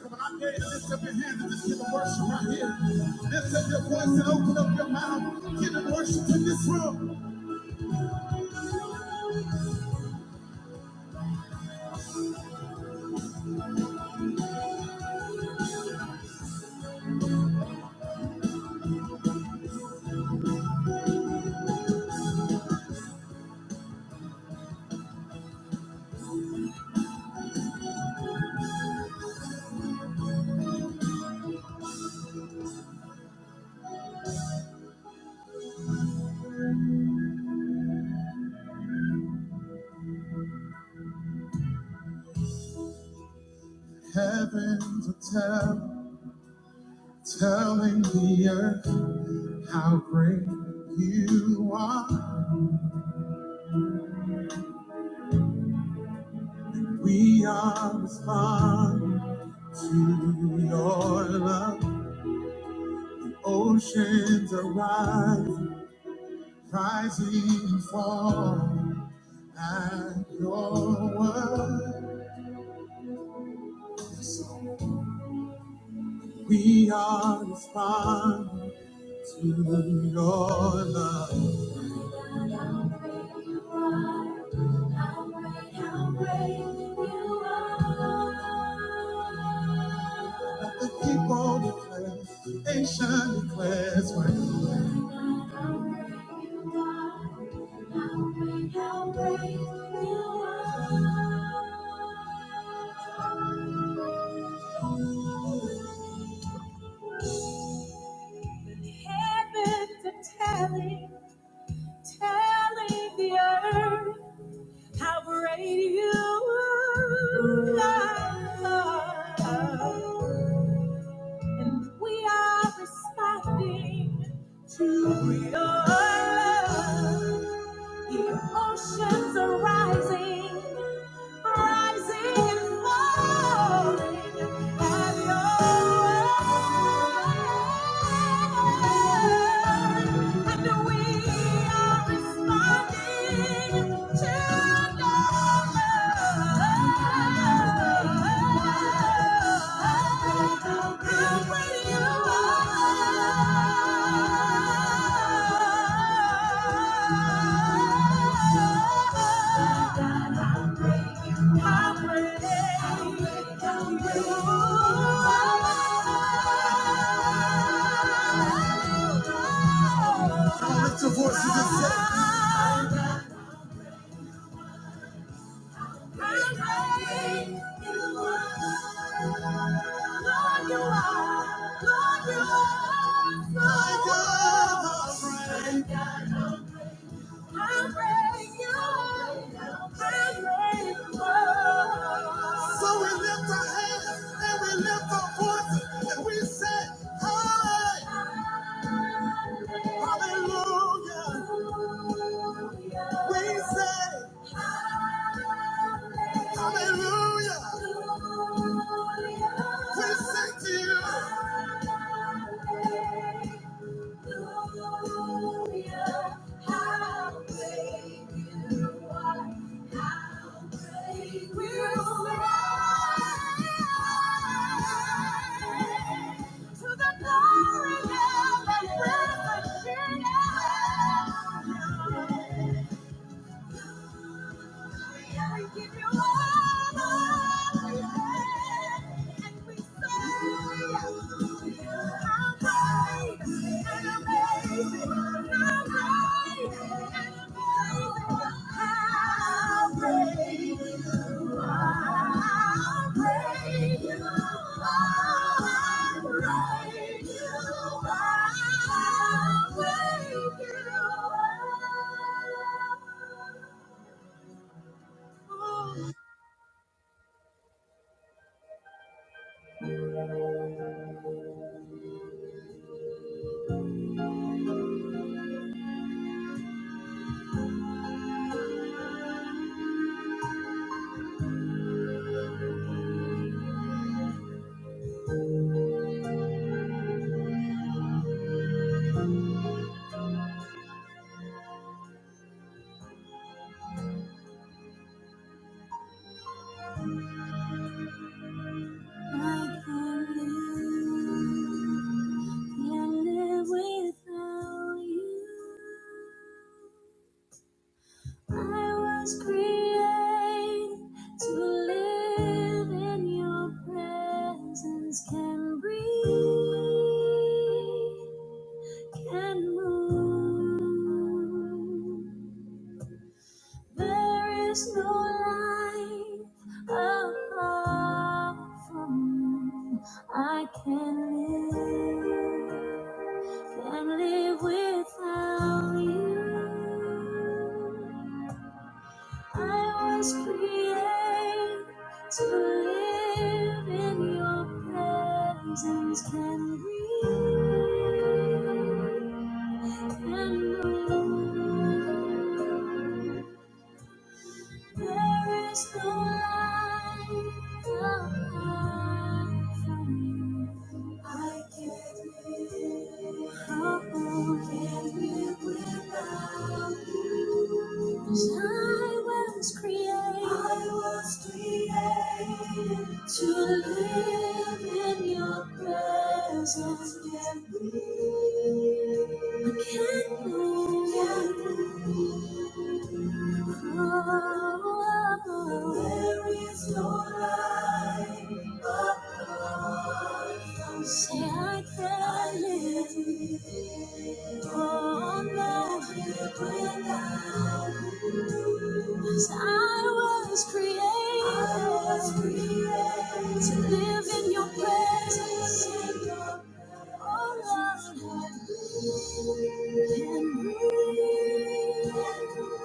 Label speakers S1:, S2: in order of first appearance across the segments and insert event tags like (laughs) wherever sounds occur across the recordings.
S1: Come on, I dare you to lift up your hands and just give a worship right here. Lift up your voice and open up your mouth. Give a worship in this room. Heavens are tell, telling the earth how great you are. We are responding to your love. Oceans are rising, rising and falling at your word. We are responding. to your love. Let the people declare, the nation declares my glory. Heaven's telling, telling the earth. How great you are. And we are responding to your love. The oceans are rising, rising and falling at your word. And we are responding to your love. How great You. Lift your voices and say, so we lift our hands and we lift our voices and we say, Hallelujah. We say, Hallelujah. We sing to you. Hallelujah! How How great you are. How great You are! To the glory of the risen King. Thank you. I can't live, without you. I was created to live in your presence. Can breathe, can move. There is no life apart from you. I can not live, can not live without you. I was created to live in your presence. Can breathe, can move. There is no light apart from you. I can't live. How can live without you? 'Cause I was created. I was created to live in your presence. I can't breathe. I can't breathe. There is no life apart from Say I can live on that live without you Cause I was created, I was created to live in your presence. In your presence. Oh, can breathe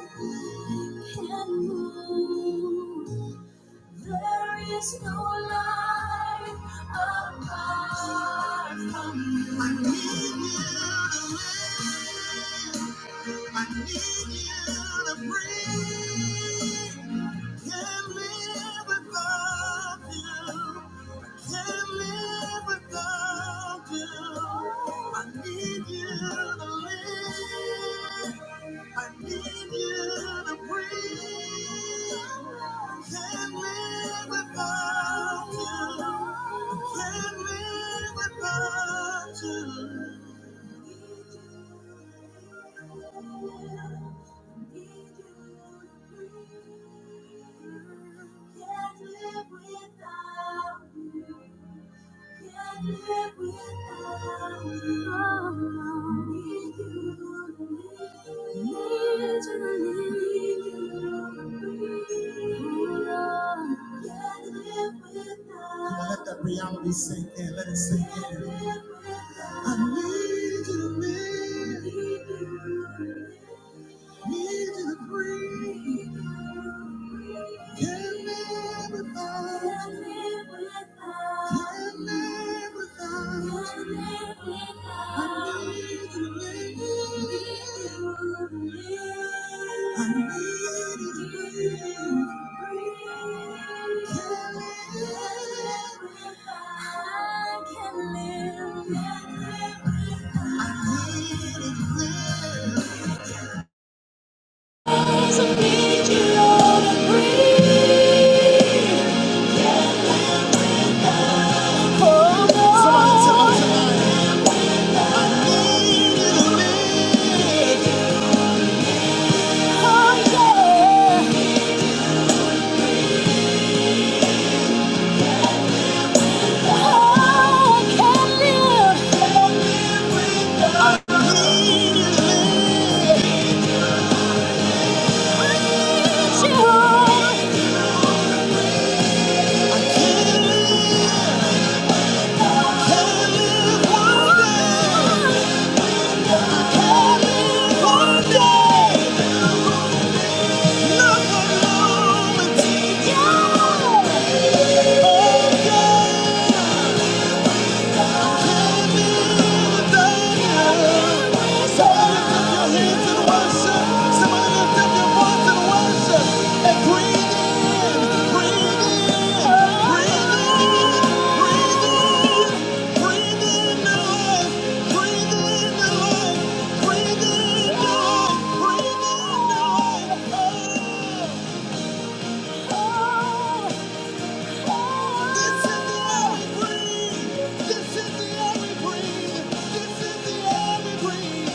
S1: can move. There is no life apart from you. I need you I need you to breathe. Can't live without you. Can't live without you. I need you to live. I need you to breathe. Can't live without you. Can't live without you. Can't live without you. Can't Can't live live. without you. you you need need to leave you. Lord, can't live without. Come on, let that reality sink in. Let it sink in. I need you, need you. I can't live. I Somebody lift your hands and worship. Somebody lift your voice and worship. And breathe in, breathe in, breathe in, breathe in, breathe in the life, breathe in the life, breathe in the life, breathe in the life. Oh, oh, oh. This is the air we breathe. This is the air we breathe. This is the air we breathe.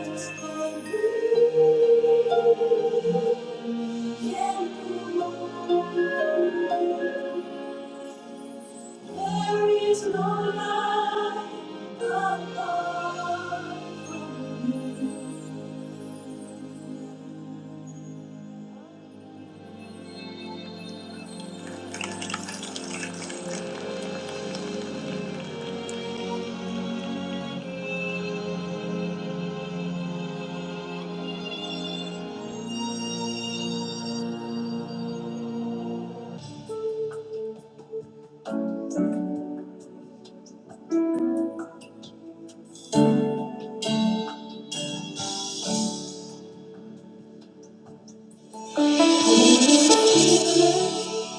S1: Thank you. There is no light apart from you.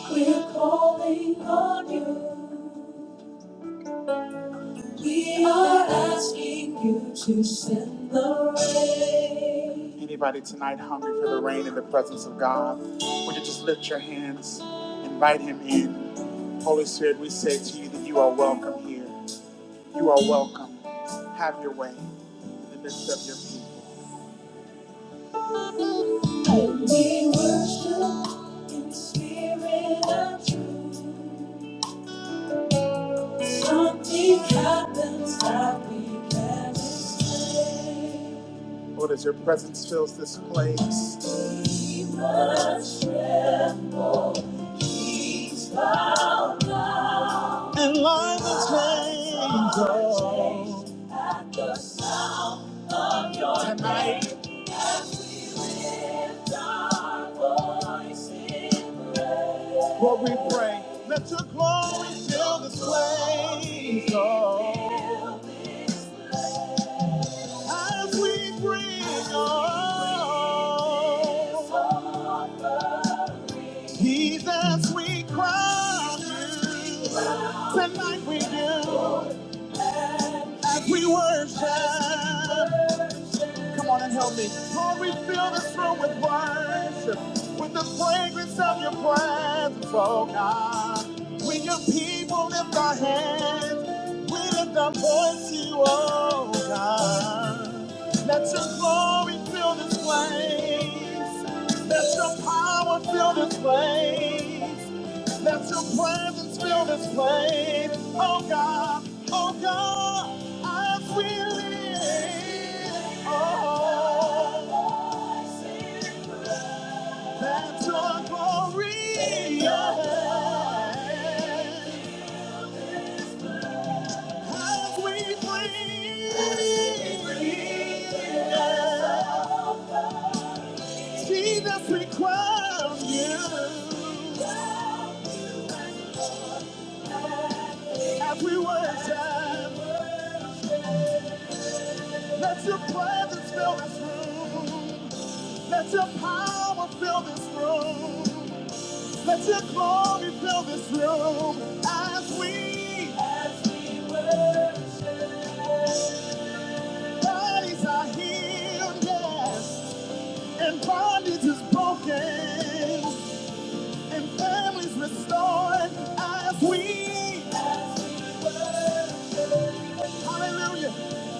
S1: We're calling on you. We are asking you to send the rain. Anybody tonight hungry for the rain in the presence of God? Would you just lift your hands, invite Him in? Holy Spirit, we say to you that you are welcome here. You are welcome. Have your way in the midst of your people. We worship in the spirit of truth. Something happens that we can't explain. Lord, as your presence fills this place, we worship, Jesus. And life is changed. Tonight. What we pray, let your glory fill this place, Lord, as we bring all. Jesus, we cry to you. tonight we do, as we worship. Come on and help me. Lord, we fill this room with worship, with the fragrance of your presence, oh God. When your people lift our hands, we lift our voice to you, oh God. Let your glory fill this place. Let your power fill this place. Let your presence fill this place. Oh God, oh God, as we live. Oh, let your glory yeah, as we breathe. Jesus, we crown you as we worship. Let your presence fill this room. Let your power fill this room. Let your glory fill this room. As we, as we worship, bodies are healed, yes. And bondage is broken. And families restored. As we, hallelujah,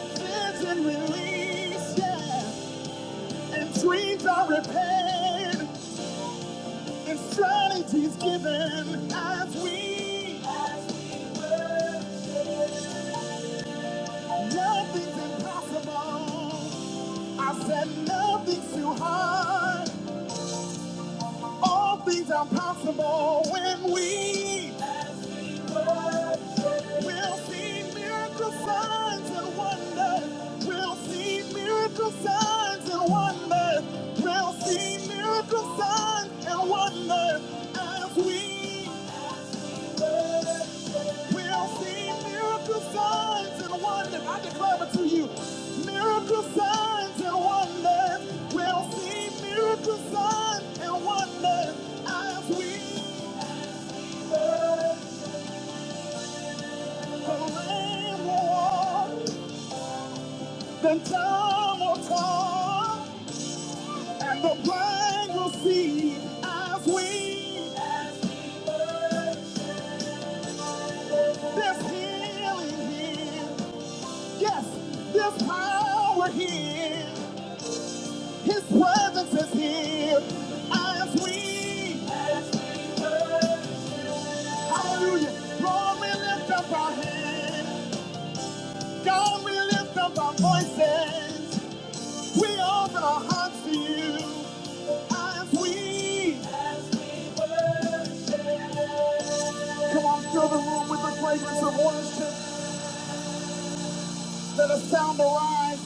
S1: vision released, yes. And dreams are repaired. It's strategies given as we nothing's impossible. I said nothing's too hard. All things are possible when we as we work. We'll see miracle signs and wonders. We'll see miracle signs and wonders. We'll see miracle signs and wonders as we work. We'll see miracle signs and wonders. I declare it to you. Miracle signs and wonders. We'll see miracle signs and wonders as we live. The rain will walk, the time will talk, and the blind will see as we live. There's healing here. Yes, there's power here. His presence is here as we, hallelujah, Lord, we lift up our hands. God, we lift up our voices. We offer our hearts to you as we, come on, fill the room with the fragrance of worship. Let us sound arise.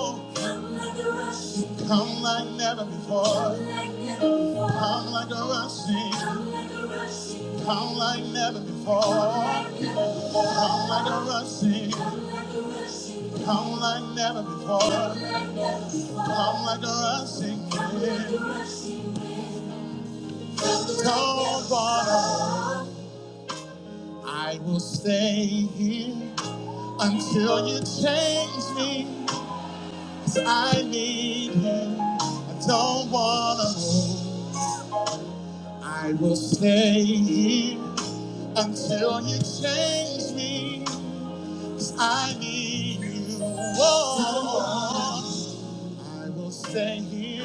S1: Come like a rushing. Come like never before. Come like never before. Come like a rushing. Come like a rushing. Come like never before. Come like a rushing. Come like a rushing. Come like never before. Come like never before. Come like a rushing. Come like a rushing. So far, I will stay here until you change me. I need you. I don't wanna. move. I will stay here until you change me. 'cause I need you. Oh, I will stay here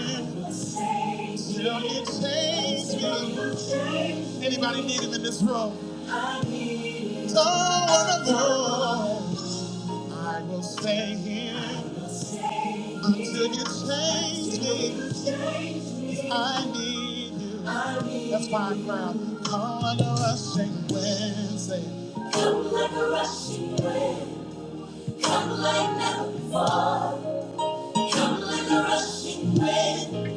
S1: until you change me. Anybody need him in this room? Oh, oh, oh. I will stay here until you change me. I need you. That's why I cry. Come like a rushing wind. say. Come like a rushing wind. Come like never before. Come like a rushing wind.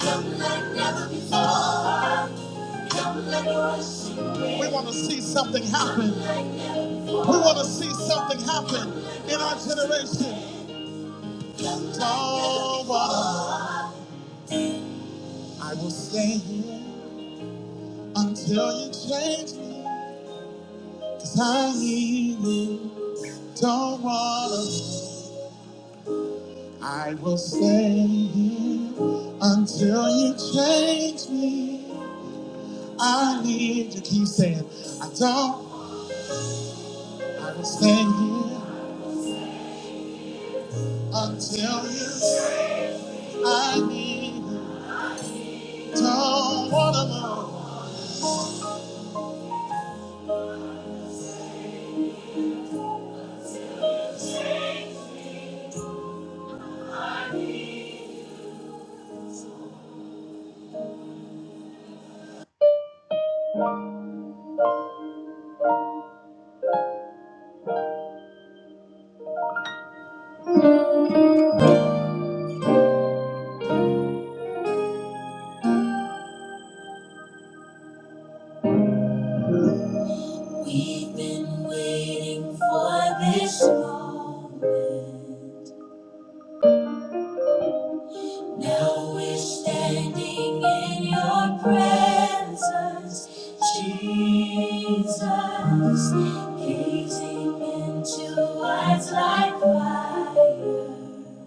S1: Come like never before. Come like a rushing wind. We want to see something happen. We want to see something happen in our generation. Tall water, I will stay here until you change mebecause Cause I need you. Tall water, I will stay here until you change me. I need you. Keep saying, I don't. I will stand here until you. I need you. Don't wanna know. We've been waiting for this moment. Now we're standing in your presence, Jesus, gazing into eyes like fire.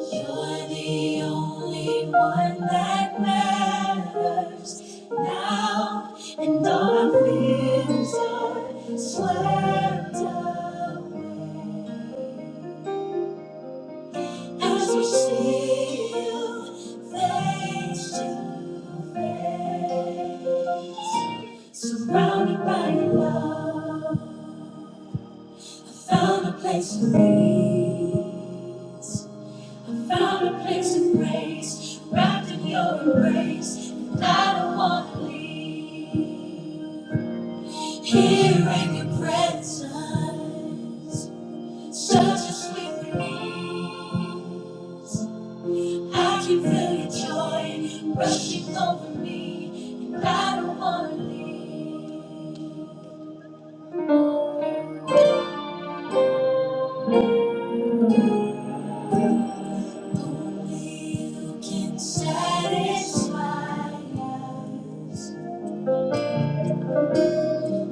S1: You're the only one that matters now, and all our fears are swept away as we see you face to face, surrounded by your love. I found a place to be. Found a place of grace, wrapped in your embrace, and I don't want to leave. Here in your presence, such a sweet release. I can feel your joy rushing over me, and I don't want to leave. Only you can satisfy us.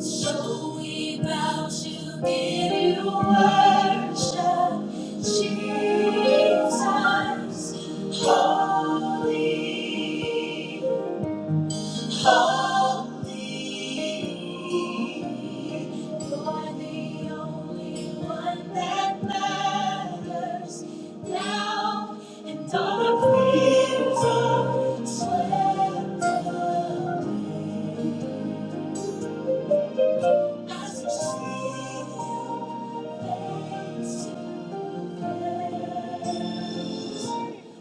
S1: So we bow to give you worship, Jesus, holy, holy. You're the only one that matters now, and all the fears are swept away.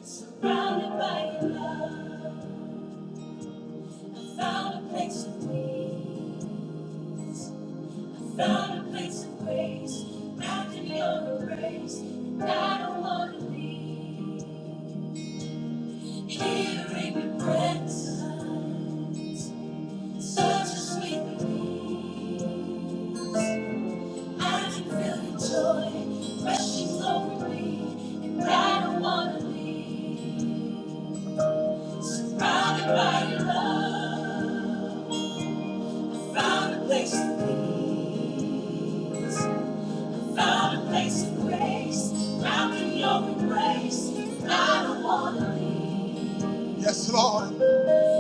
S1: Surrounded by your love, I found a place of peace, found a place of grace, wrapped in your embrace, and I don't want to leave. Here in your presence, such a sweet release. I can feel your joy rushing over me, and I don't want to leave. Surrounded by your love, found a place of peace, found a place of grace, found in your embrace. I don't wanna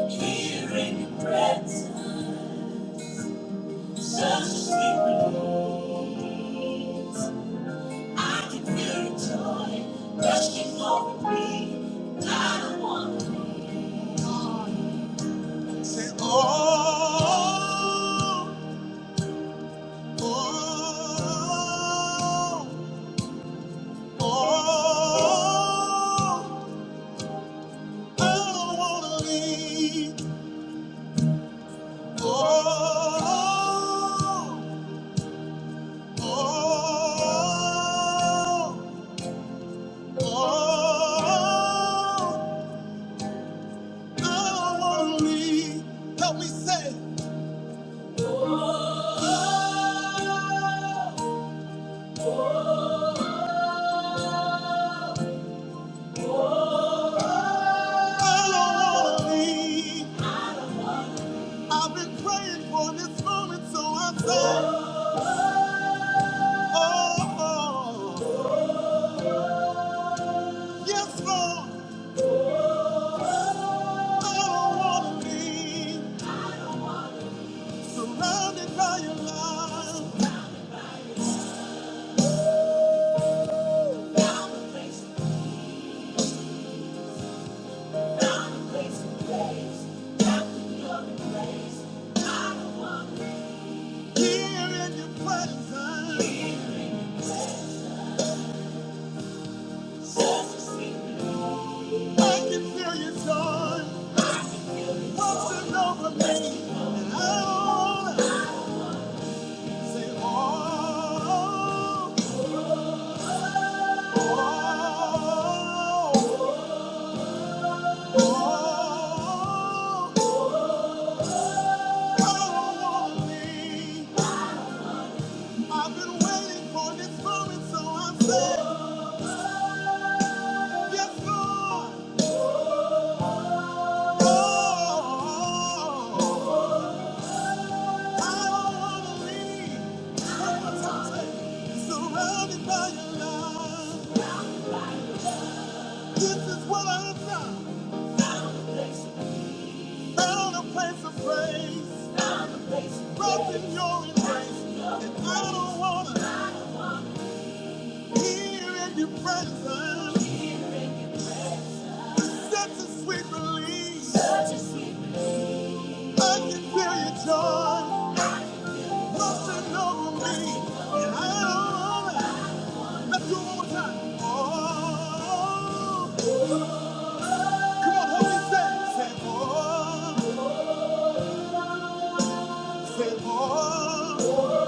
S1: be here in your presence, such a sweet release. I can feel your joy rushing over me. I don't wanna. Oh, oh, Oh, I don't wanna leave. Oh, oh, oh, oh, I don't wanna leave. Help me say, I don't wanna leave. I've been praying for this moment, so I say, oh, oh, yes, Lord, I don't wanna leave. Surrounded by your love, here in your presence, I can feel your joy washing over me. And I wanna say, oh, oh, oh, oh, I don't wanna leave. I've been waiting for this moment, so I'm saying, yes, Lord. Oh, Oh, come on, help me say, say, oh. Good morning.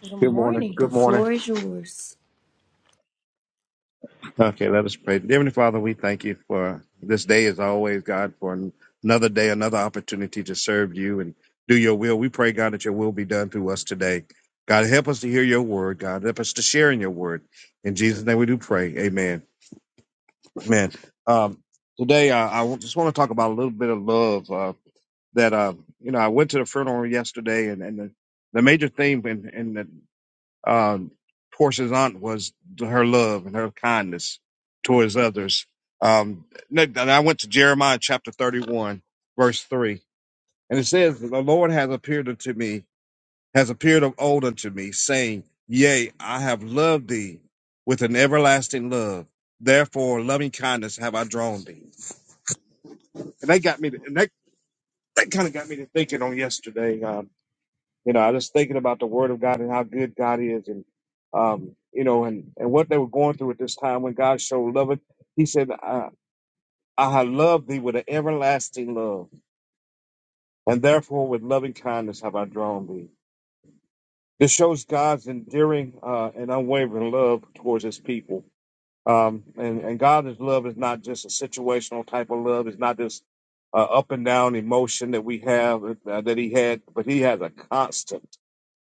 S1: Good
S2: Good morning.
S1: morning. The
S2: Good morning.
S1: floor is yours.
S2: Okay, let us pray. Dear Heavenly Father, we thank you for this day as always, God, for an- another day, another opportunity to serve you and do your will. We pray, God, that your will be done through us today. God, help us to hear your word. God, help us to share in your word. In Jesus' name we do pray. Amen. Amen. Um, today, uh, I w- just want to talk about a little bit of love uh, that, uh, you know, I went to the funeral yesterday and, and the, the major theme and, um, Portia's aunt was her love and her kindness towards others. Um, and I went to Jeremiah chapter 31, verse 3, and it says, The Lord has appeared unto me, has appeared of old unto me, saying, Yea, I have loved thee with an everlasting love. Therefore, loving kindness have I drawn thee. And they got me, to, and they that kind of got me to thinking on yesterday. um, You know, I was just thinking about the word of God and how good God is and um, you know, and, and what they were going through at this time when God showed love. He said, I, I have loved thee with an everlasting love, and therefore with loving kindness have I drawn thee. This shows God's endearing uh, and unwavering love towards his people. Um, and, and God's love is not just a situational type of love. It's not this uh, up and down emotion that we have, uh, that he had, but he has a constant.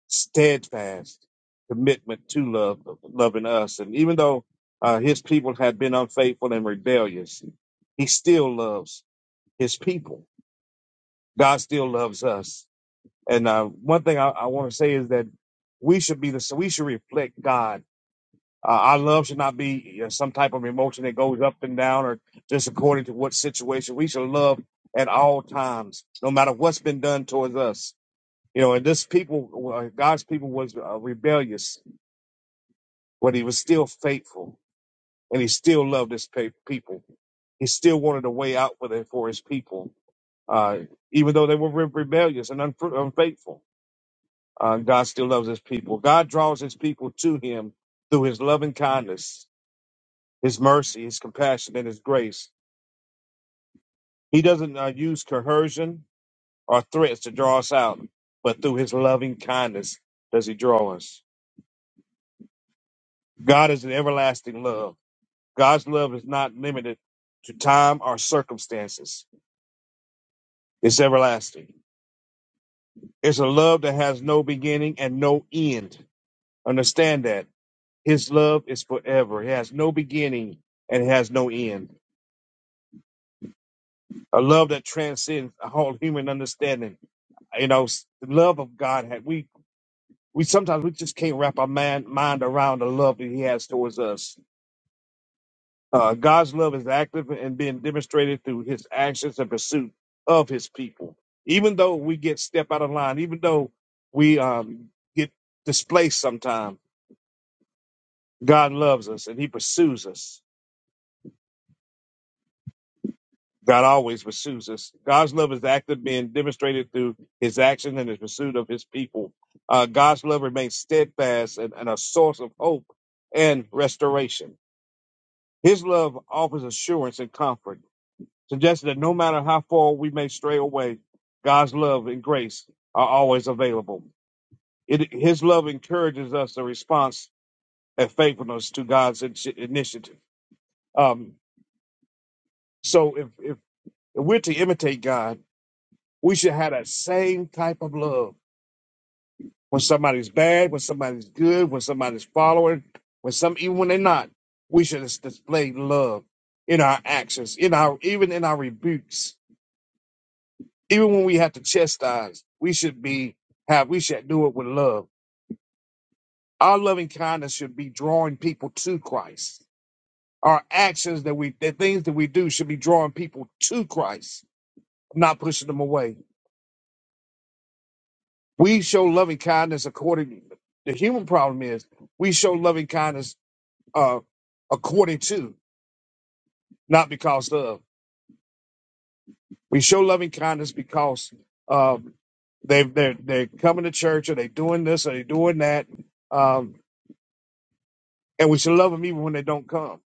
S2: steadfast commitment to love, loving us. And even though uh, his people had been unfaithful and rebellious, he still loves his people. God still loves us. And uh, one thing I, I want to say is that we should be the so we should reflect God. Uh, our love should not be you know, some type of emotion that goes up and down or just according to what situation. We should love at all times, no matter what's been done towards us. You know, and this people, uh, God's people was uh, rebellious but he was still faithful and he still loved his pa- people. He still wanted a way out for, the, for his people, uh, even though they were re- rebellious and unfru- unfaithful. Uh, God still loves his people. God draws his people to him through his loving kindness, his mercy, his compassion, and his grace. He doesn't uh, use coercion or threats to draw us out, but through his loving kindness does he draw us. God is an everlasting love. God's love is not limited to time or circumstances. It's everlasting. It's a love that has no beginning and no end. Understand that. His love is forever. It has no beginning and it has no end. A love that transcends all human understanding. You know, s- the love of God. ha- We we sometimes we just can't wrap our man, mind around the love that He has towards us. Uh, God's love is active and being demonstrated through his actions and pursuit of his people. Even though we get step out of line, even though we um, get displaced sometime, God loves us and he pursues us. God always pursues us. God's love is active, being demonstrated through his action and his pursuit of his people. Uh, God's love remains steadfast and, and a source of hope and restoration. His love offers assurance and comfort. suggesting that no matter how far we may stray away, God's love and grace are always available. It, his love encourages us to response and faithfulness to God's in- initiative. Um, so if, if we're to imitate God, we should have that same type of love. When somebody's bad, when somebody's good, when somebody's following, when some even when they're not, we should dis- display love in our actions, in our even in our rebukes even when we have to chastise, we should be have we should do it with love. Our loving kindness should be drawing people to Christ. Our actions that we the things that we do should be drawing people to Christ, not pushing them away. We show loving kindness according the human problem is we show loving kindness uh according to, not because of. We show loving kindness because um they they're they're coming to church or they doing this or they doing that. Um and we should love them even when they don't come.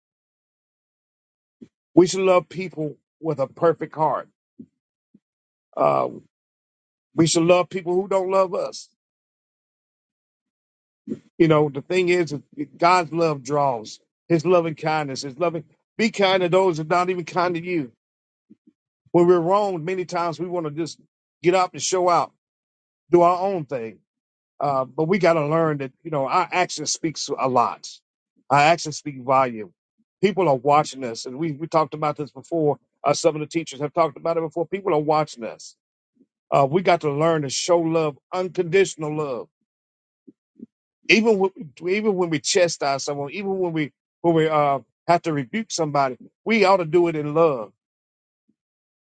S2: We should love people with a perfect heart. Uh, we should love people who don't love us. You know, the thing is, God's love draws. His loving kindness, His loving. Be kind to those that are not even kind to you. When we're wronged, many times we want to just get up and show out, do our own thing. Uh, but we got to learn that you know our action speaks a lot. Our action speaks volume. People are watching us, and we we talked about this before. Uh, some of the teachers have talked about it before. People are watching us. Uh, we got to learn to show love, unconditional love, even when even when we chastise someone, even when we when we uh, have to rebuke somebody, we ought to do it in love.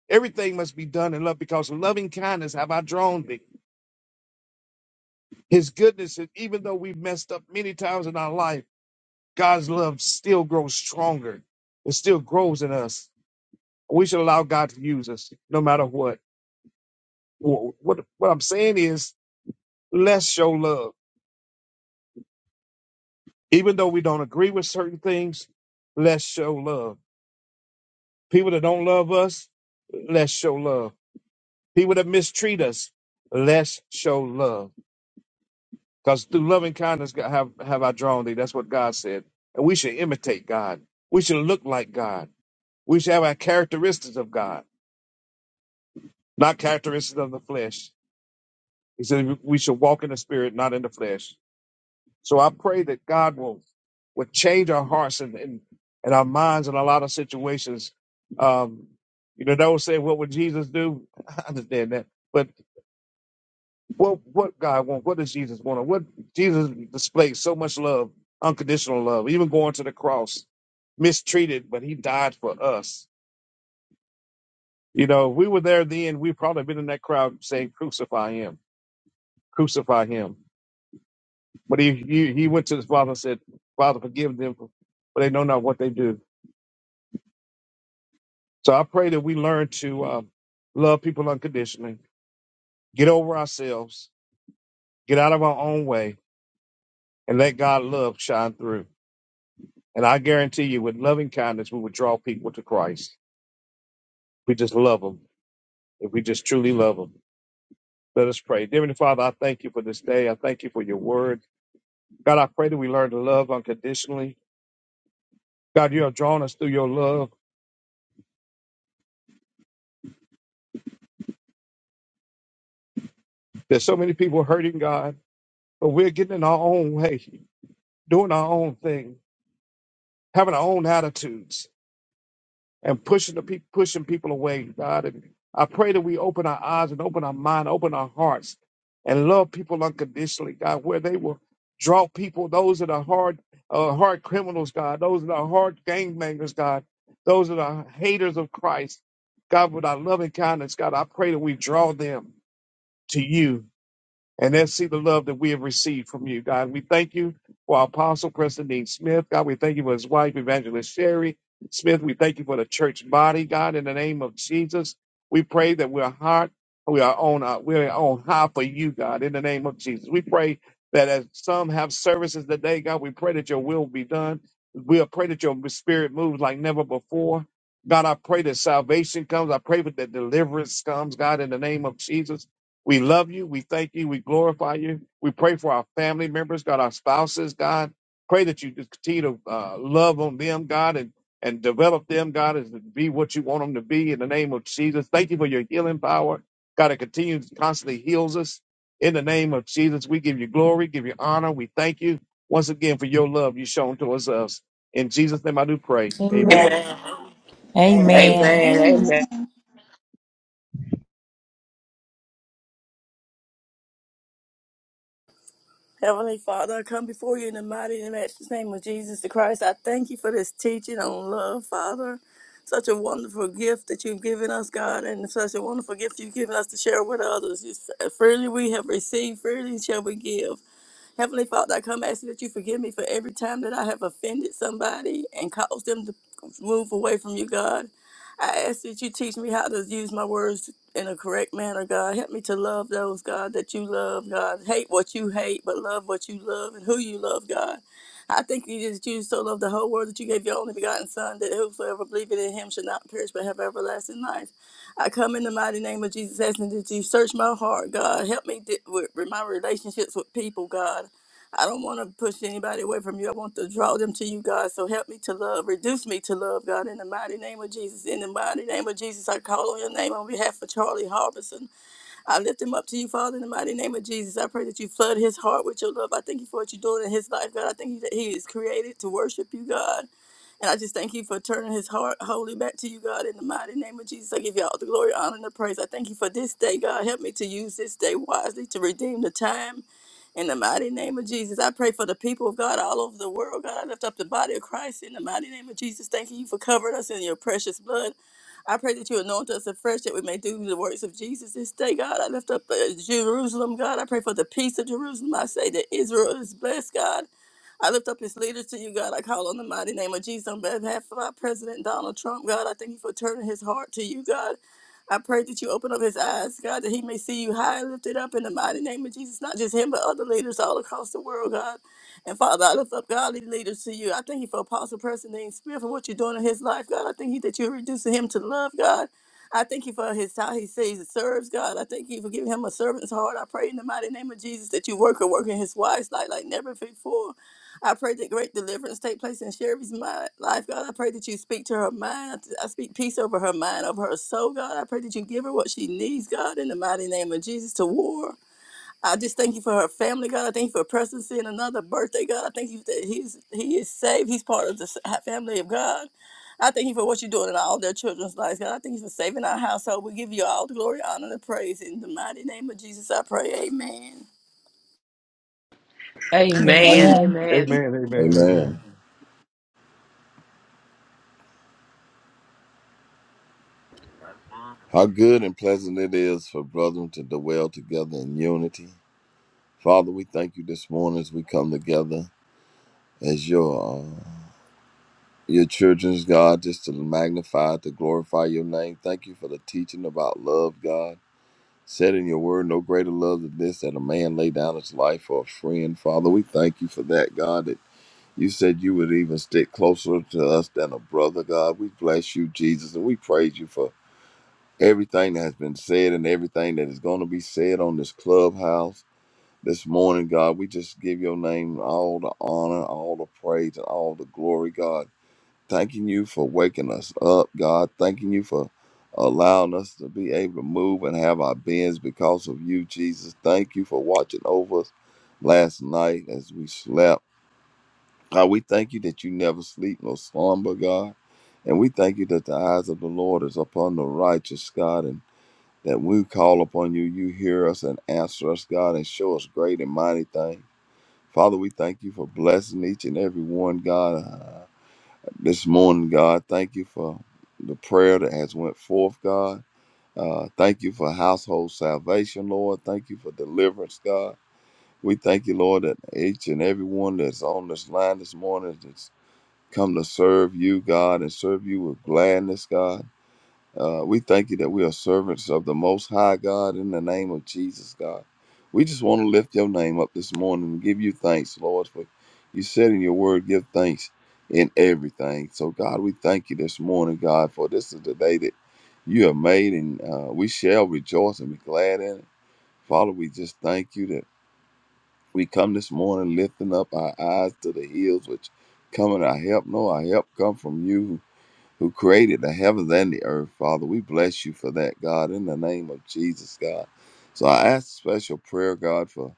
S2: Everything must be done in love because loving kindness have I drawn thee. His goodness, and even though we've messed up many times in our life. God's love still grows stronger. It still grows in us. We should allow God to use us no matter what. Wh- What, what I'm saying is, let's show love. Even though we don't agree with certain things, let's show love. People that don't love us, let's show love. People that mistreat us, let's show love. Because through loving kindness God- have, have I drawn thee. That's what God said. And we should imitate God. We should look like God. We should have our characteristics of God not characteristics of the flesh. He said we should walk in the spirit, not in the flesh. So I pray that God will, will change our hearts and, and, and our minds in a lot of situations. Um, you know, those say, what would Jesus do? (laughs) I understand that. But what, what God want? What does Jesus want? What Jesus displayed so much love, unconditional love, even going to the cross, mistreated, but he died for us. You know, if we were there then, we'd probably been in that crowd saying, crucify him, crucify him But he, he, he went to his father and said, Father, forgive them, for for they know not what they do. So I pray that we learn to um, love people unconditionally, get over ourselves, get out of our own way, and let God's love shine through. And I guarantee you, with loving kindness, we would draw people to Christ. We just love them. If we just truly love them, let us pray. Dear Heavenly Father, I thank you for this day. I thank you for your word. God, I pray that we learn to love unconditionally. God, you have drawn us through your love. There's so many people hurting, God. but we're getting in our own way, doing our own thing, having our own attitudes, and pushing the people, pushing people away, God. And I pray that we open our eyes and open our mind, open our hearts, and love people unconditionally, God, where they will draw people, those that are hard, uh, hard criminals, God, those that are hard gangbangers, God, those that are haters of Christ, God, with our loving kindness, God, I pray that we draw them to you and then see the love that we have received from you, God. We thank you for our apostle, Preston Dean Smith. God, we thank you for his wife, Evangelist Sherry Smith. We thank you for the church body, God, in the name of Jesus. We pray that we're hot, we are on, uh, we're on high for you, God, in the name of Jesus. We pray that as some have services today, God, we pray that your will be done. We pray that your spirit moves like never before. God, I pray that salvation comes. I pray that deliverance comes, God, in the name of Jesus. We love you. We thank you. We glorify you. We pray for our family members, God, our spouses, God. Pray that you just continue to uh, love on them, God, and, and develop them, God, as to be what you want them to be in the name of Jesus. Thank you for your healing power. God, that continues constantly heals us. In the name of Jesus, we give you glory, give you honor. We thank you once again for your love you've shown towards us. In Jesus' name I do pray. Amen.
S1: Amen.
S3: Amen.
S4: Amen.
S5: Amen.
S4: Amen.
S6: Amen. Heavenly Father, I come before you in the mighty and matchless name of Jesus the Christ. I thank you for this teaching on love, Father. Such a wonderful gift that you've given us, God, and such a wonderful gift you've given us to share with others. You said, freely we have received, freely shall we give. Heavenly Father, I come asking that you forgive me for every time that I have offended somebody and caused them to move away from you, God. I ask that you teach me how to use my words in a correct manner, God. Help me to love those, God, that you love, God. Hate what you hate, but love what you love and who you love, God. I think you just you so loved the whole world that you gave your only begotten Son, that whosoever believeth in him should not perish but have everlasting life. I come in the mighty name of Jesus, asking that you search my heart, God. Help me di- with, with my relationships with people, God. I don't want to push anybody away from you. I want to draw them to you, God. So help me to love. Reduce me to love, God, in the mighty name of Jesus. In the mighty name of Jesus, I call on your name on behalf of Charlie Harbison. I lift him up to you, Father, in the mighty name of Jesus. I pray that you flood his heart with your love. I thank you for what you're doing in his life, God. I thank you that he is created to worship you, God. And I just thank you for turning his heart wholly back to you, God, in the mighty name of Jesus. I give you all the glory, honor, and the praise. I thank you for this day, God. Help me to use this day wisely to redeem the time. In the mighty name of Jesus, I pray for the people of God all over the world. God, I lift up the body of Christ in the mighty name of Jesus. Thanking you for covering us in your precious blood. I pray that you anoint us afresh that we may do the works of Jesus this day, God. I lift up uh, Jerusalem, God. I pray for the peace of Jerusalem. I say that Israel is blessed, God. I lift up his leaders to you, God. I call on the mighty name of Jesus on behalf of our President Donald Trump, God. I thank you for turning his heart to you, God. I pray that you open up his eyes, God, that he may see you high and lifted up in the mighty name of Jesus, not just him, but other leaders all across the world, God. And Father, I lift up godly leaders to you. I thank you for Apostle Preston Dean Smith and what you're doing in his life, God. I thank you that you're reducing him to love, God. I thank you for his how he says and serves, God. I thank you for giving him a servant's heart. I pray in the mighty name of Jesus that you work and work in his wife's life like never before. I pray that great deliverance take place in Sherry's mind, life, God. I pray that you speak to her mind. I speak peace over her mind, over her soul, God. I pray that you give her what she needs, God, in the mighty name of Jesus to war. I just thank you for her family, God. I thank you for her presidency and another birthday, God. I thank you that he's he is saved. He's part of the sa- family of God. I thank you for what you're doing in all their children's lives, God. I thank you for saving our household. We give you all the glory, honor, and praise. In the mighty name of Jesus, I pray. Amen.
S4: Amen.
S3: Amen.
S4: Amen.
S2: Amen, amen, amen.
S7: Amen. How good and pleasant it is for brethren to dwell together in unity. Father, we thank you this morning as we come together as your uh, your children's God, just to magnify, to glorify your name. Thank you for the teaching about love, God. Said in your word, no greater love than this that a man lay down his life for a friend. Father, we thank you for that, God. That you said you would even stick closer to us than a brother, God. We bless you, Jesus, and we praise you for everything that has been said and everything that is going to be said on this clubhouse this morning, God. We just give your name all the honor, all the praise, and all the glory, God. Thanking you for waking us up, God. Thanking you for allowing us to be able to move and have our beings because of you, Jesus. Thank you for watching over us last night as we slept. God, we thank you that you never sleep nor slumber, God. And we thank you that the eyes of the Lord is upon the righteous, God. and that when we call upon you, you hear us and answer us, God, and show us great and mighty things. Father, we thank you for blessing each and every one, God. Uh, this morning, God, thank you for the prayer that has went forth, God. Uh, thank you for household salvation, Lord. Thank you for deliverance, God. We thank you, Lord, that each and every one that's on this line this morning that's come to serve you, God, and serve you with gladness, God. Uh, we thank you that we are servants of the Most High God in the name of Jesus, God. We just want to lift your name up this morning and give you thanks, Lord, for you said in your word, give thanks in everything. So, God, we thank you this morning, God, for this is the day that you have made, and uh, we shall rejoice and be glad in it. Father, we just thank you that we come this morning lifting up our eyes to the hills, which coming our help. No, our help come from you who created the heavens and the earth, Father. We bless you for that, God, in the name of Jesus, God. So I ask special prayer, God, for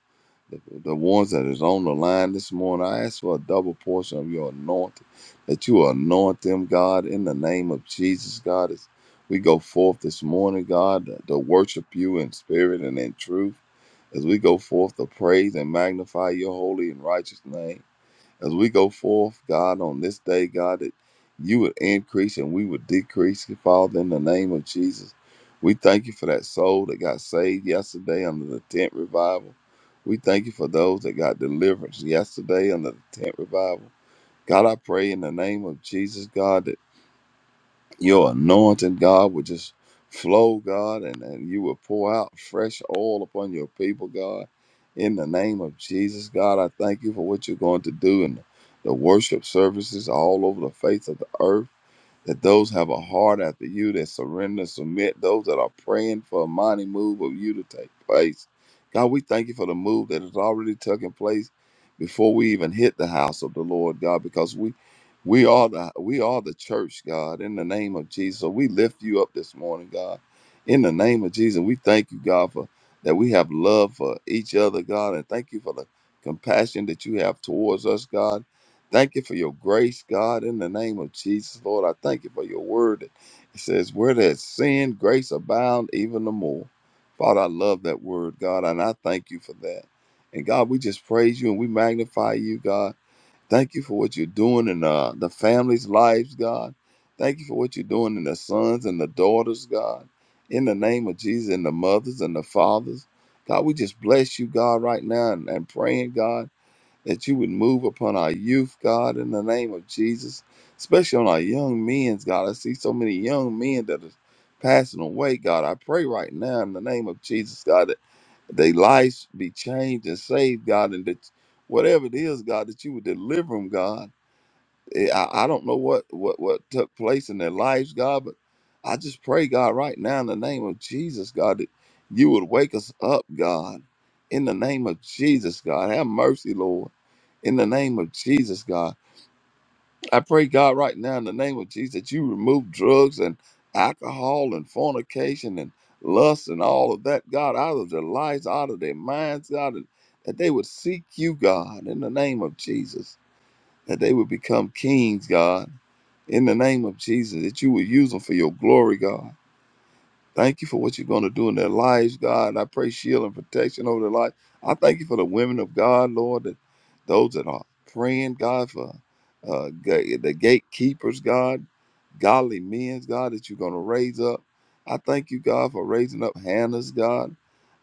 S7: the, the ones that is on the line this morning. I ask for a double portion of your anointing, that you anoint them, God, in the name of Jesus, God. As we go forth this morning, God, to, to worship you in spirit and in truth, as we go forth to praise and magnify your holy and righteous name. As we go forth, God, on this day, God, that you would increase and we would decrease, Father, in the name of Jesus. We thank you for that soul that got saved yesterday under the tent revival. We thank you for those that got deliverance yesterday under the tent revival. God, I pray in the name of Jesus, God, that your anointing, God, would just flow, God, and, and you would pour out fresh oil upon your people, God. In the name of Jesus, God, I thank you for what you're going to do in the worship services all over the face of the earth that those have a heart after you that surrender, submit, those that are praying for a mighty move of you to take place. God, we thank you for the move that is already taking place before we even hit the house of the Lord, God, because we we are the we are the church, God, in the name of Jesus. So we lift you up this morning, God. In the name of Jesus, we thank you, God, for that we have love for each other, God, and thank you for the compassion that you have towards us, God Thank you for your grace, God, in the name of Jesus, Lord. I thank you for your word. It says, Where there's sin, grace abound even the more. Father, I love that word, God, and I thank you for that. And God, we just praise you and we magnify you, God. Thank you for what you're doing in uh, the families' lives, God. Thank you for what you're doing in the sons and the daughters, God. In the name of Jesus, and the mothers and the fathers. God, we just bless you, God, right now and, and praying, God that you would move upon our youth, God, in the name of Jesus, especially on our young men's, God. I see so many young men that are passing away, God. I pray right now in the name of Jesus, God, that their lives be changed and saved, God, and that whatever it is, God, that you would deliver them, God Eh, I, I don't know what, what, what took place in their lives, God, but I just pray, God, right now in the name of Jesus, God, that you would wake us up, God. In the name of Jesus, God. Have mercy, Lord. In the name of Jesus, God. I pray, God, right now in the name of Jesus, that you remove drugs and alcohol and fornication and lust and all of that, God, out of their lives, out of their minds, God, and that they would seek you, God, in the name of Jesus, that they would become kings, God in the name of Jesus, that you would use them for your glory, God. Thank you for what you're going to do in their lives, God. And I pray shield and protection over their life. I thank you for the women of God, Lord, that those that are praying, God, for uh, ga- the gatekeepers, God, godly men, God, that you're going to raise up. I thank you, God, for raising up Hannah's, God.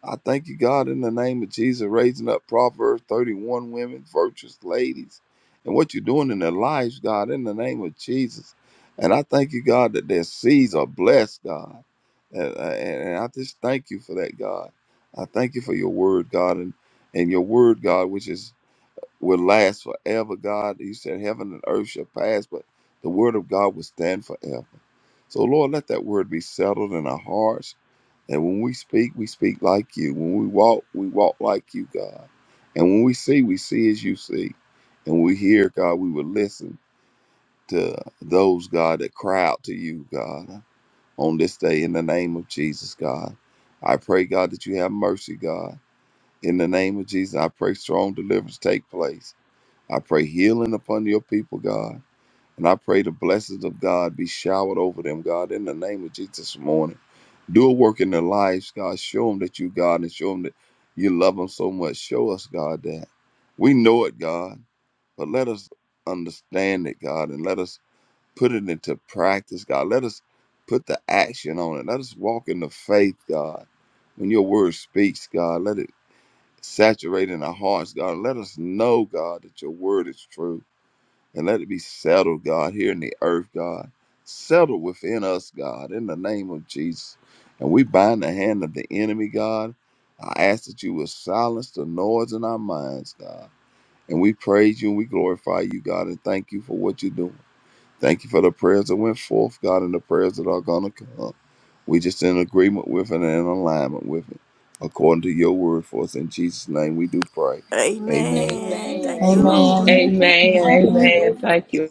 S7: I thank you, God, in the name of Jesus, raising up Proverbs 31 women, virtuous ladies, and what you're doing in their lives, God, in the name of Jesus. And I thank you, God, that their seeds are blessed, God. And, uh, and, and I just thank you for that, God. I thank you for your word, God, and, and your word, God, which is will last forever, God. You said heaven and earth shall pass, but the word of God will stand forever. So, Lord, let that word be settled in our hearts. And when we speak, we speak like you. When we walk, we walk like you, God. And when we see, we see as you see. And when we hear, God, we will listen to those, God, that cry out to you, God on this day in the name of Jesus, God. I pray, God, that you have mercy, God. In the name of Jesus, I pray strong deliverance take place. I pray healing upon your people, God. And I pray the blessings of God be showered over them, God, in the name of Jesus this morning. Do a work in their lives, God. Show them that you, God, and show them that you love them so much. Show us, God, that. We know it, God, but let us understand it, God, and let us put it into practice, God. Let us put the action on it. Let us walk in the faith, God. When your word speaks, God, let it saturate in our hearts, God. Let us know, God, that your word is true. And let it be settled, God, here in the earth, God. Settled within us, God, in the name of Jesus. And we bind the hand of the enemy, God. I ask that you will silence the noise in our minds, God. And we praise you and we glorify you, God, and thank you for what you're doing. Thank you for the prayers that went forth, God, and the prayers that are going to come. We just in agreement with it and in alignment with it, according to your word for us. In Jesus' name we do pray.
S6: Amen.
S7: Amen.
S6: Amen. Thank you,
S3: Amen.
S6: Lord.
S5: Amen.
S4: Amen.
S5: Amen.
S3: Amen.
S4: Amen.
S2: Amen.
S4: Thank you.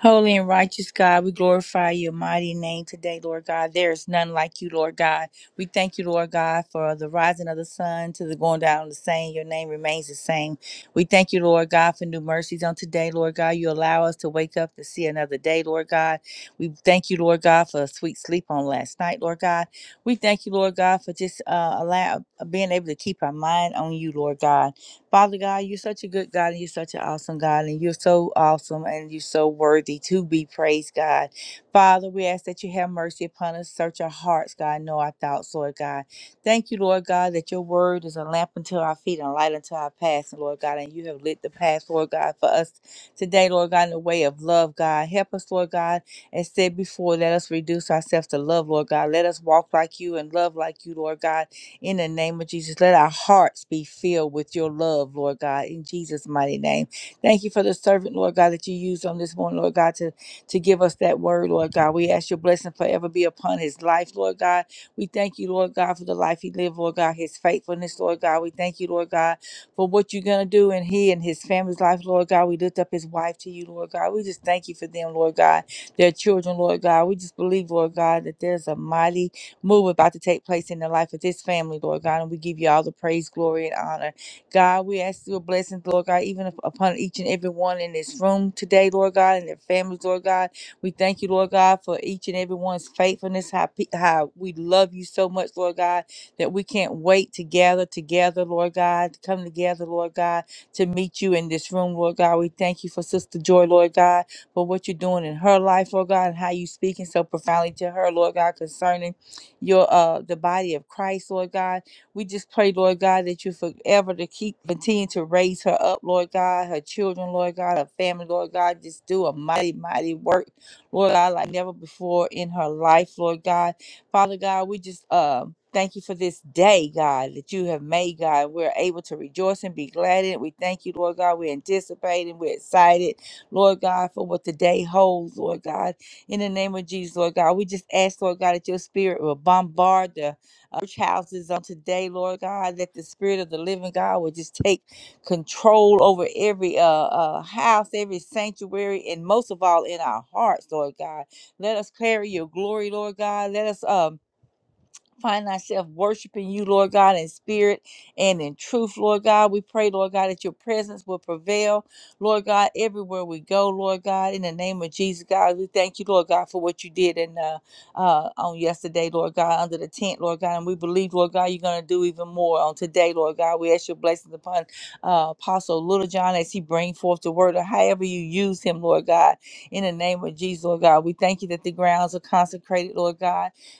S3: Holy and righteous God, we glorify your mighty name today, Lord God. There is none like you, Lord God. We thank you, Lord God, for the rising of the sun to the going down of the same. Your name remains the same. We thank you, Lord God, for new mercies on today, Lord God. You allow us to wake up to see another day, Lord God. We thank you, Lord God, for a sweet sleep on last night, Lord God. We thank you, Lord God, for just uh, allow, being able to keep our mind on you, Lord God. Father God, you're such a good God and you're such an awesome God and you're so awesome and you're so worthy to be praised, God. Father, we ask that you have mercy upon us. Search our hearts, God. Know our thoughts, Lord God. Thank you, Lord God, that your word is a lamp unto our feet and a light unto our path, Lord God. And you have lit the path, Lord God, for us today, Lord God, in the way of love, God. Help us, Lord God, and said before, let us reduce ourselves to love, Lord God. Let us walk like you and love like you, Lord God. In the name of Jesus, let our hearts be filled with your love, Lord God, in Jesus' mighty name. Thank you for the servant, Lord God, that you used on this morning, Lord God, to, to give us that word, Lord God. We ask your blessing forever be upon his life, Lord God. We thank you, Lord God, for the life he lived, Lord God, his faithfulness, Lord God. We thank you, Lord God, for what you're going to do in he and his family's life, Lord God. We lift up his wife to you, Lord God. We just thank you for them, Lord God, their children, Lord God. We just believe, Lord God, that there's a mighty move about to take place in the life of this family, Lord God. And we give you all the praise, glory, and honor. God, we ask your blessings, Lord God, even up- upon each and every one in this room today, Lord God, and their families, Lord God. We thank you, Lord God, for each and every one's faithfulness, how, pe- how we love you so much, Lord God, that we can't wait to gather together, Lord God, to come together, Lord God, to meet you in this room, Lord God. We thank you for Sister Joy, Lord God for what you're doing in her life, Lord God, and how you speaking so profoundly to her, Lord God, concerning your uh the body of Christ, Lord God. We just pray, Lord God, that you forever to keep continue to raise her up, Lord God, her children, Lord God, her family, Lord God. Just do a mighty, mighty work, Lord God, like never before in her life, Lord God. Father God, we just um Thank you for this day, God, that you have made, God. We're able to rejoice and be glad in it. We thank you, Lord God. We're anticipating. We're excited, Lord God, for what the day holds, Lord God. In the name of Jesus, Lord God, we just ask, Lord God, that your spirit will bombard the uh, church houses on today, Lord God, that the spirit of the living God will just take control over every uh, uh, house, every sanctuary, and most of all in our hearts, Lord God. Let us carry your glory, Lord God. Let us um, find ourselves worshiping you, Lord God, in spirit and in truth, Lord God. We pray, Lord God, that your presence will prevail, Lord God, everywhere we go, Lord God, in the name of Jesus, God. We thank you, Lord God, for what you did in uh, uh, on yesterday, Lord God, under the tent, Lord God. And we believe, Lord God, you're going to do even more on today, Lord God. We ask your blessings upon uh, Apostle Little John as he bring forth the word or however you use him, Lord God, in the name of Jesus, Lord God. We thank you that the grounds are consecrated, Lord God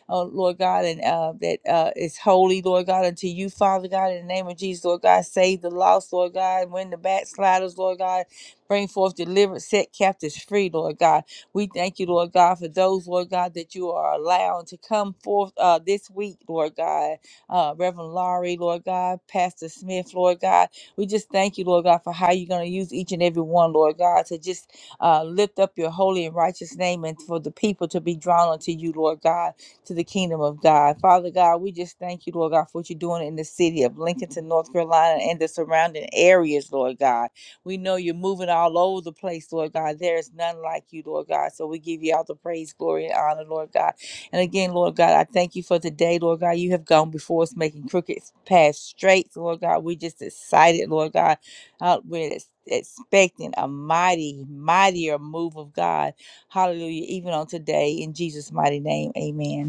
S3: oh Lord God, and uh, that uh, is holy, Lord God, unto you, Father God, in the name of Jesus, Lord God, save the lost, Lord God, win the backsliders, Lord God, bring forth delivered, set captives free, Lord God. We thank you, Lord God, for those, Lord God, that you are allowing to come forth uh, this week, Lord God. Uh, Reverend Laurie, Lord God, Pastor Smith, Lord God. We just thank you, Lord God, for how you're going to use each and every one, Lord God, to just uh, lift up your holy and righteous name and for the people to be drawn unto you, Lord God to the kingdom of God. Father God, we just thank you, Lord God, for what you're doing in the city of Lincolnton, North Carolina, and the surrounding areas, Lord God. We know you're moving all over the place, Lord God. There is none like you, Lord God. So we give you all the praise, glory, and honor, Lord God. And again, Lord God, I thank you for today, Lord God. You have gone before us, making crooked paths straight, Lord God. We just excited, Lord God. Uh, we're ex- expecting a mighty, mightier move of God. Hallelujah. Even on today, in Jesus' mighty name, amen.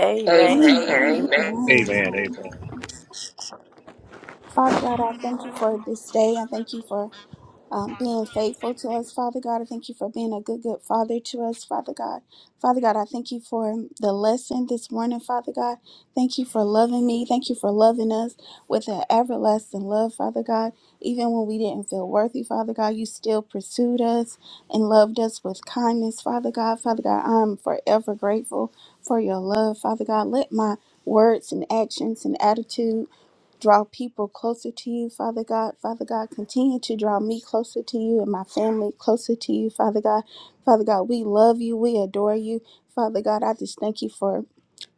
S6: Amen.
S4: Amen.
S5: Amen.
S4: Amen.
S6: Amen.
S5: Amen.
S2: Amen. Amen.
S5: Father God, I thank you for this day. I thank you for um, being faithful to us, Father God. I thank you for being a good, good Father to us, Father God. Father God, I thank you for the lesson this morning, Father God. Thank you for loving me. Thank you for loving us with an everlasting love, Father God. Even when we didn't feel worthy, Father God, you still pursued us and loved us with kindness, Father God. Father God, I'm forever grateful for your love, Father God. Let my words and actions and attitude Draw people closer to you, Father God. Father God, continue to draw me closer to you and my family closer to you, Father God. Father God, we love you. We adore you. Father God, I just thank you for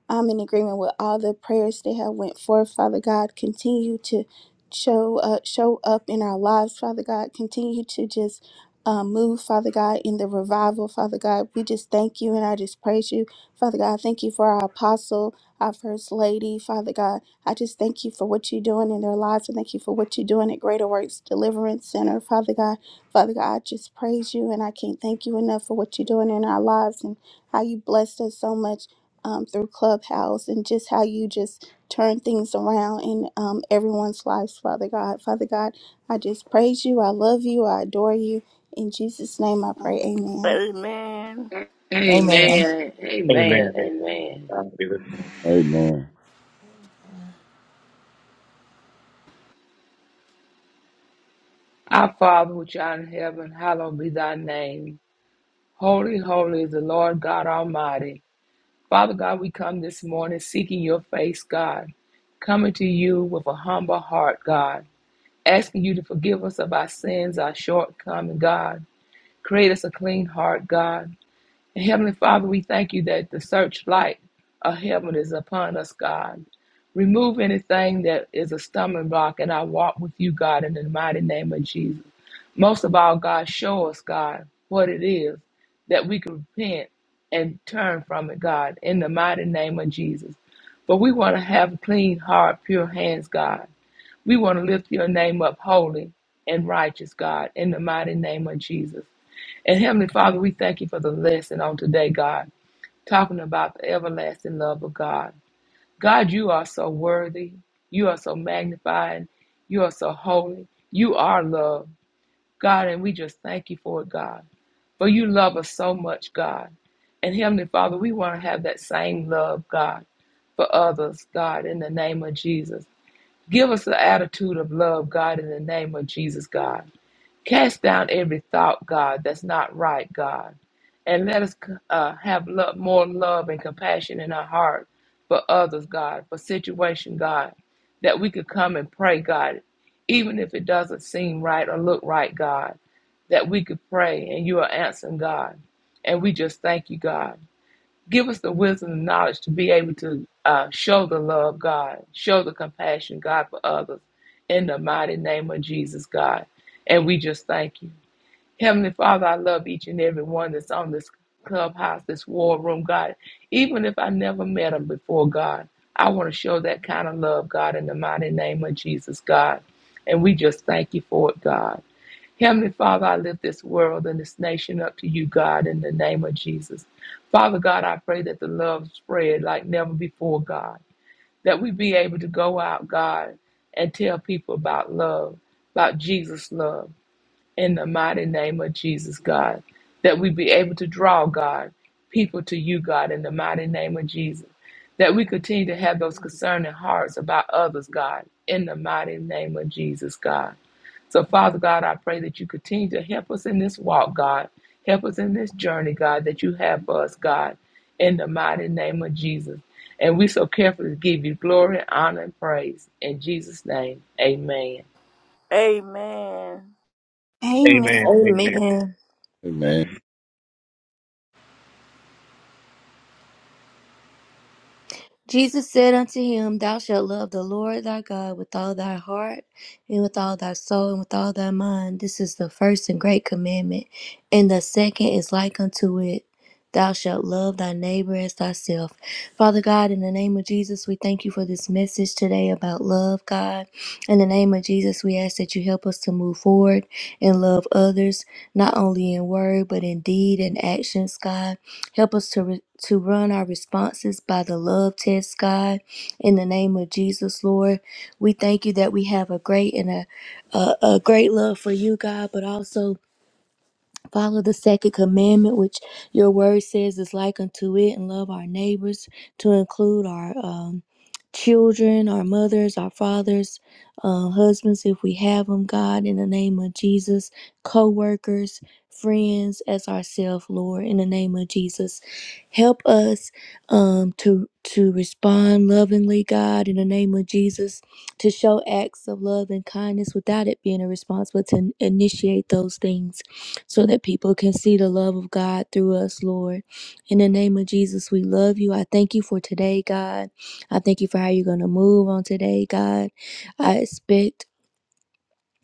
S5: I'm in agreement with all the prayers they have went forth, Father God. Continue to show up, show up in our lives, Father God. Continue to just um, move, Father God, in the revival, Father God. We just thank you and I just praise you, Father God. Thank you for our apostle, our first lady, Father God. I just thank you for what you're doing in their lives and thank you for what you're doing at Greater Works Deliverance Center, Father God. Father God, I just praise you and I can't thank you enough for what you're doing in our lives and how you blessed us so much um, through Clubhouse and just how you just turn things around in um, everyone's lives, Father God. Father God, I just praise you. I love you. I adore you. In Jesus' name I pray. Amen.
S6: Amen.
S3: Amen.
S4: Amen.
S2: Amen.
S4: Amen.
S2: Amen.
S4: Amen.
S2: God be with you.
S7: Amen.
S4: Our Father which art in heaven, hallowed be thy name. Holy, holy is the Lord God Almighty. Father God, we come this morning seeking your face, God, coming to you with a humble heart, God, asking you to forgive us of our sins, our shortcomings, God. Create us a clean heart, God. Heavenly Father, we thank you that the searchlight of heaven is upon us, God. Remove anything that is a stumbling block in our walk with you, God, in the mighty name of Jesus. Most of all, God, show us, God, what it is that we can repent and turn from it, God, in the mighty name of Jesus. But we want to have clean heart, pure hands, God. We want to lift your name up holy and righteous, God, in the mighty name of Jesus. And Heavenly Father, we thank you for the lesson on today, God, talking about the everlasting love of God. God, you are so worthy. You are so magnified. You are so holy. You are love, God, and we just thank you for it, God. For you love us so much, God. And Heavenly Father, we want to have that same love, God, for others, God, in the name of Jesus. Give us the attitude of love, God, in the name of Jesus, God. Cast down every thought, God, that's not right, God. And let us uh, have love, more love and compassion in our heart for others, God, for situation, God, that we could come and pray, God, even if it doesn't seem right or look right, God, that we could pray and you are answering, God. And we just thank you, God. Give us the wisdom and knowledge to be able to uh, show the love, God, show the compassion, God, for others in the mighty name of Jesus, God. And we just thank you. Heavenly Father, I love each and every one that's on this clubhouse, this war room, God. Even if I never met them before, God, I want to show that kind of love, God, in the mighty name of Jesus, God. And we just thank you for it, God. Heavenly Father, I lift this world and this nation up to you, God, in the name of Jesus. Father God, I pray that the love spread like never before, God, that we be able to go out, God, and tell people about love, about Jesus' love, in the mighty name of Jesus, God, that we be able to draw, God, people to you, God, in the mighty name of Jesus, that we continue to have those concerning hearts about others, God, in the mighty name of Jesus, God. So, Father God, I pray that you continue to help us in this walk, God. Help us in this journey, God, that you have for us, God, in the mighty name of Jesus. And we so carefully give you glory, honor, and praise. In Jesus' name, amen.
S6: Amen.
S5: Amen.
S2: Amen. Amen.
S1: Amen.
S7: Amen.
S1: Jesus said unto him, Thou shalt love the Lord thy God with all thy heart, and with all thy soul, and with all thy mind. This is the first and great commandment. And the second is like unto it. Thou shalt love thy neighbor as thyself. Father God, in the name of Jesus, we thank you for this message today about love, God. In the name of Jesus, we ask that you help us to move forward and love others, not only in word, but in deed and actions, God. Help us to, re- to run our responses by the love test, God. In the name of Jesus, Lord, we thank you that we have a great and a, a, a great love for you, God, but also Follow the second commandment, which your word says is like unto it, and love our neighbors to include our um, children, our mothers, our fathers, uh, husbands, if we have them, God, in the name of Jesus, co workers, friends, as ourselves, Lord, in the name of Jesus. Help us um, to, to respond lovingly, God, in the name of Jesus, to show acts of love and kindness without it being a response, but to initiate those things so that people can see the love of God through us, Lord. In the name of Jesus, we love you. I thank you for today, God. I thank you for how you're going to move on today, God. I expect.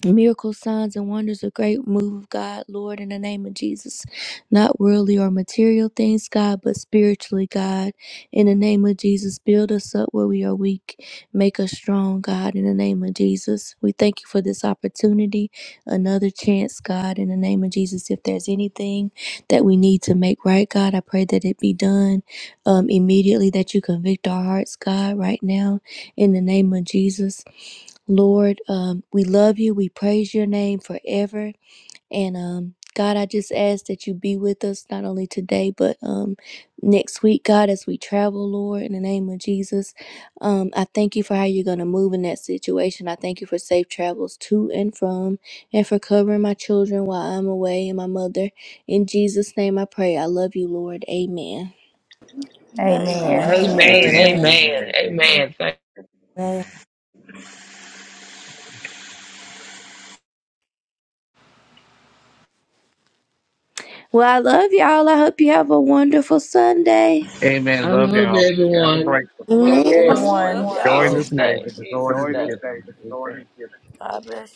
S1: Miracles, signs, and wonders, a great move of God, Lord, in the name of Jesus. Not worldly or material things, God, but spiritually, God. In the name of Jesus, build us up where we are weak. Make us strong, God, in the name of Jesus. We thank you for this opportunity, another chance, God, in the name of Jesus. If there's anything that we need to make right, God, I pray that it be done um, immediately, that you convict our hearts, God, right now, in the name of Jesus. Lord, um, we love you. We praise your name forever. And um, God, I just ask that you be with us not only today, but um, next week, God, as we travel, Lord, in the name of Jesus. Um, I thank you for how you're going to move in that situation. I thank you for safe travels to and from and for covering my children while I'm away and my mother. In Jesus' name, I pray. I love you, Lord. Amen.
S6: Amen.
S3: Amen.
S4: Amen,
S2: Amen.
S3: Amen.
S4: amen,
S2: Amen. Amen.
S4: amen. Thank
S1: Well, I love y'all. I hope you have a wonderful Sunday.
S2: Amen.
S4: I
S2: Love
S4: love
S2: y'all. Have a
S4: everyone.
S2: great one.
S4: We
S1: Amen.
S4: rest
S6: Everyone, Love the
S3: Everyone,
S4: in
S2: Enjoy this
S4: Jesus'
S6: y'all.
S2: day
S4: name.
S2: that the
S6: Jesus.
S2: Lord has given you.
S6: God bless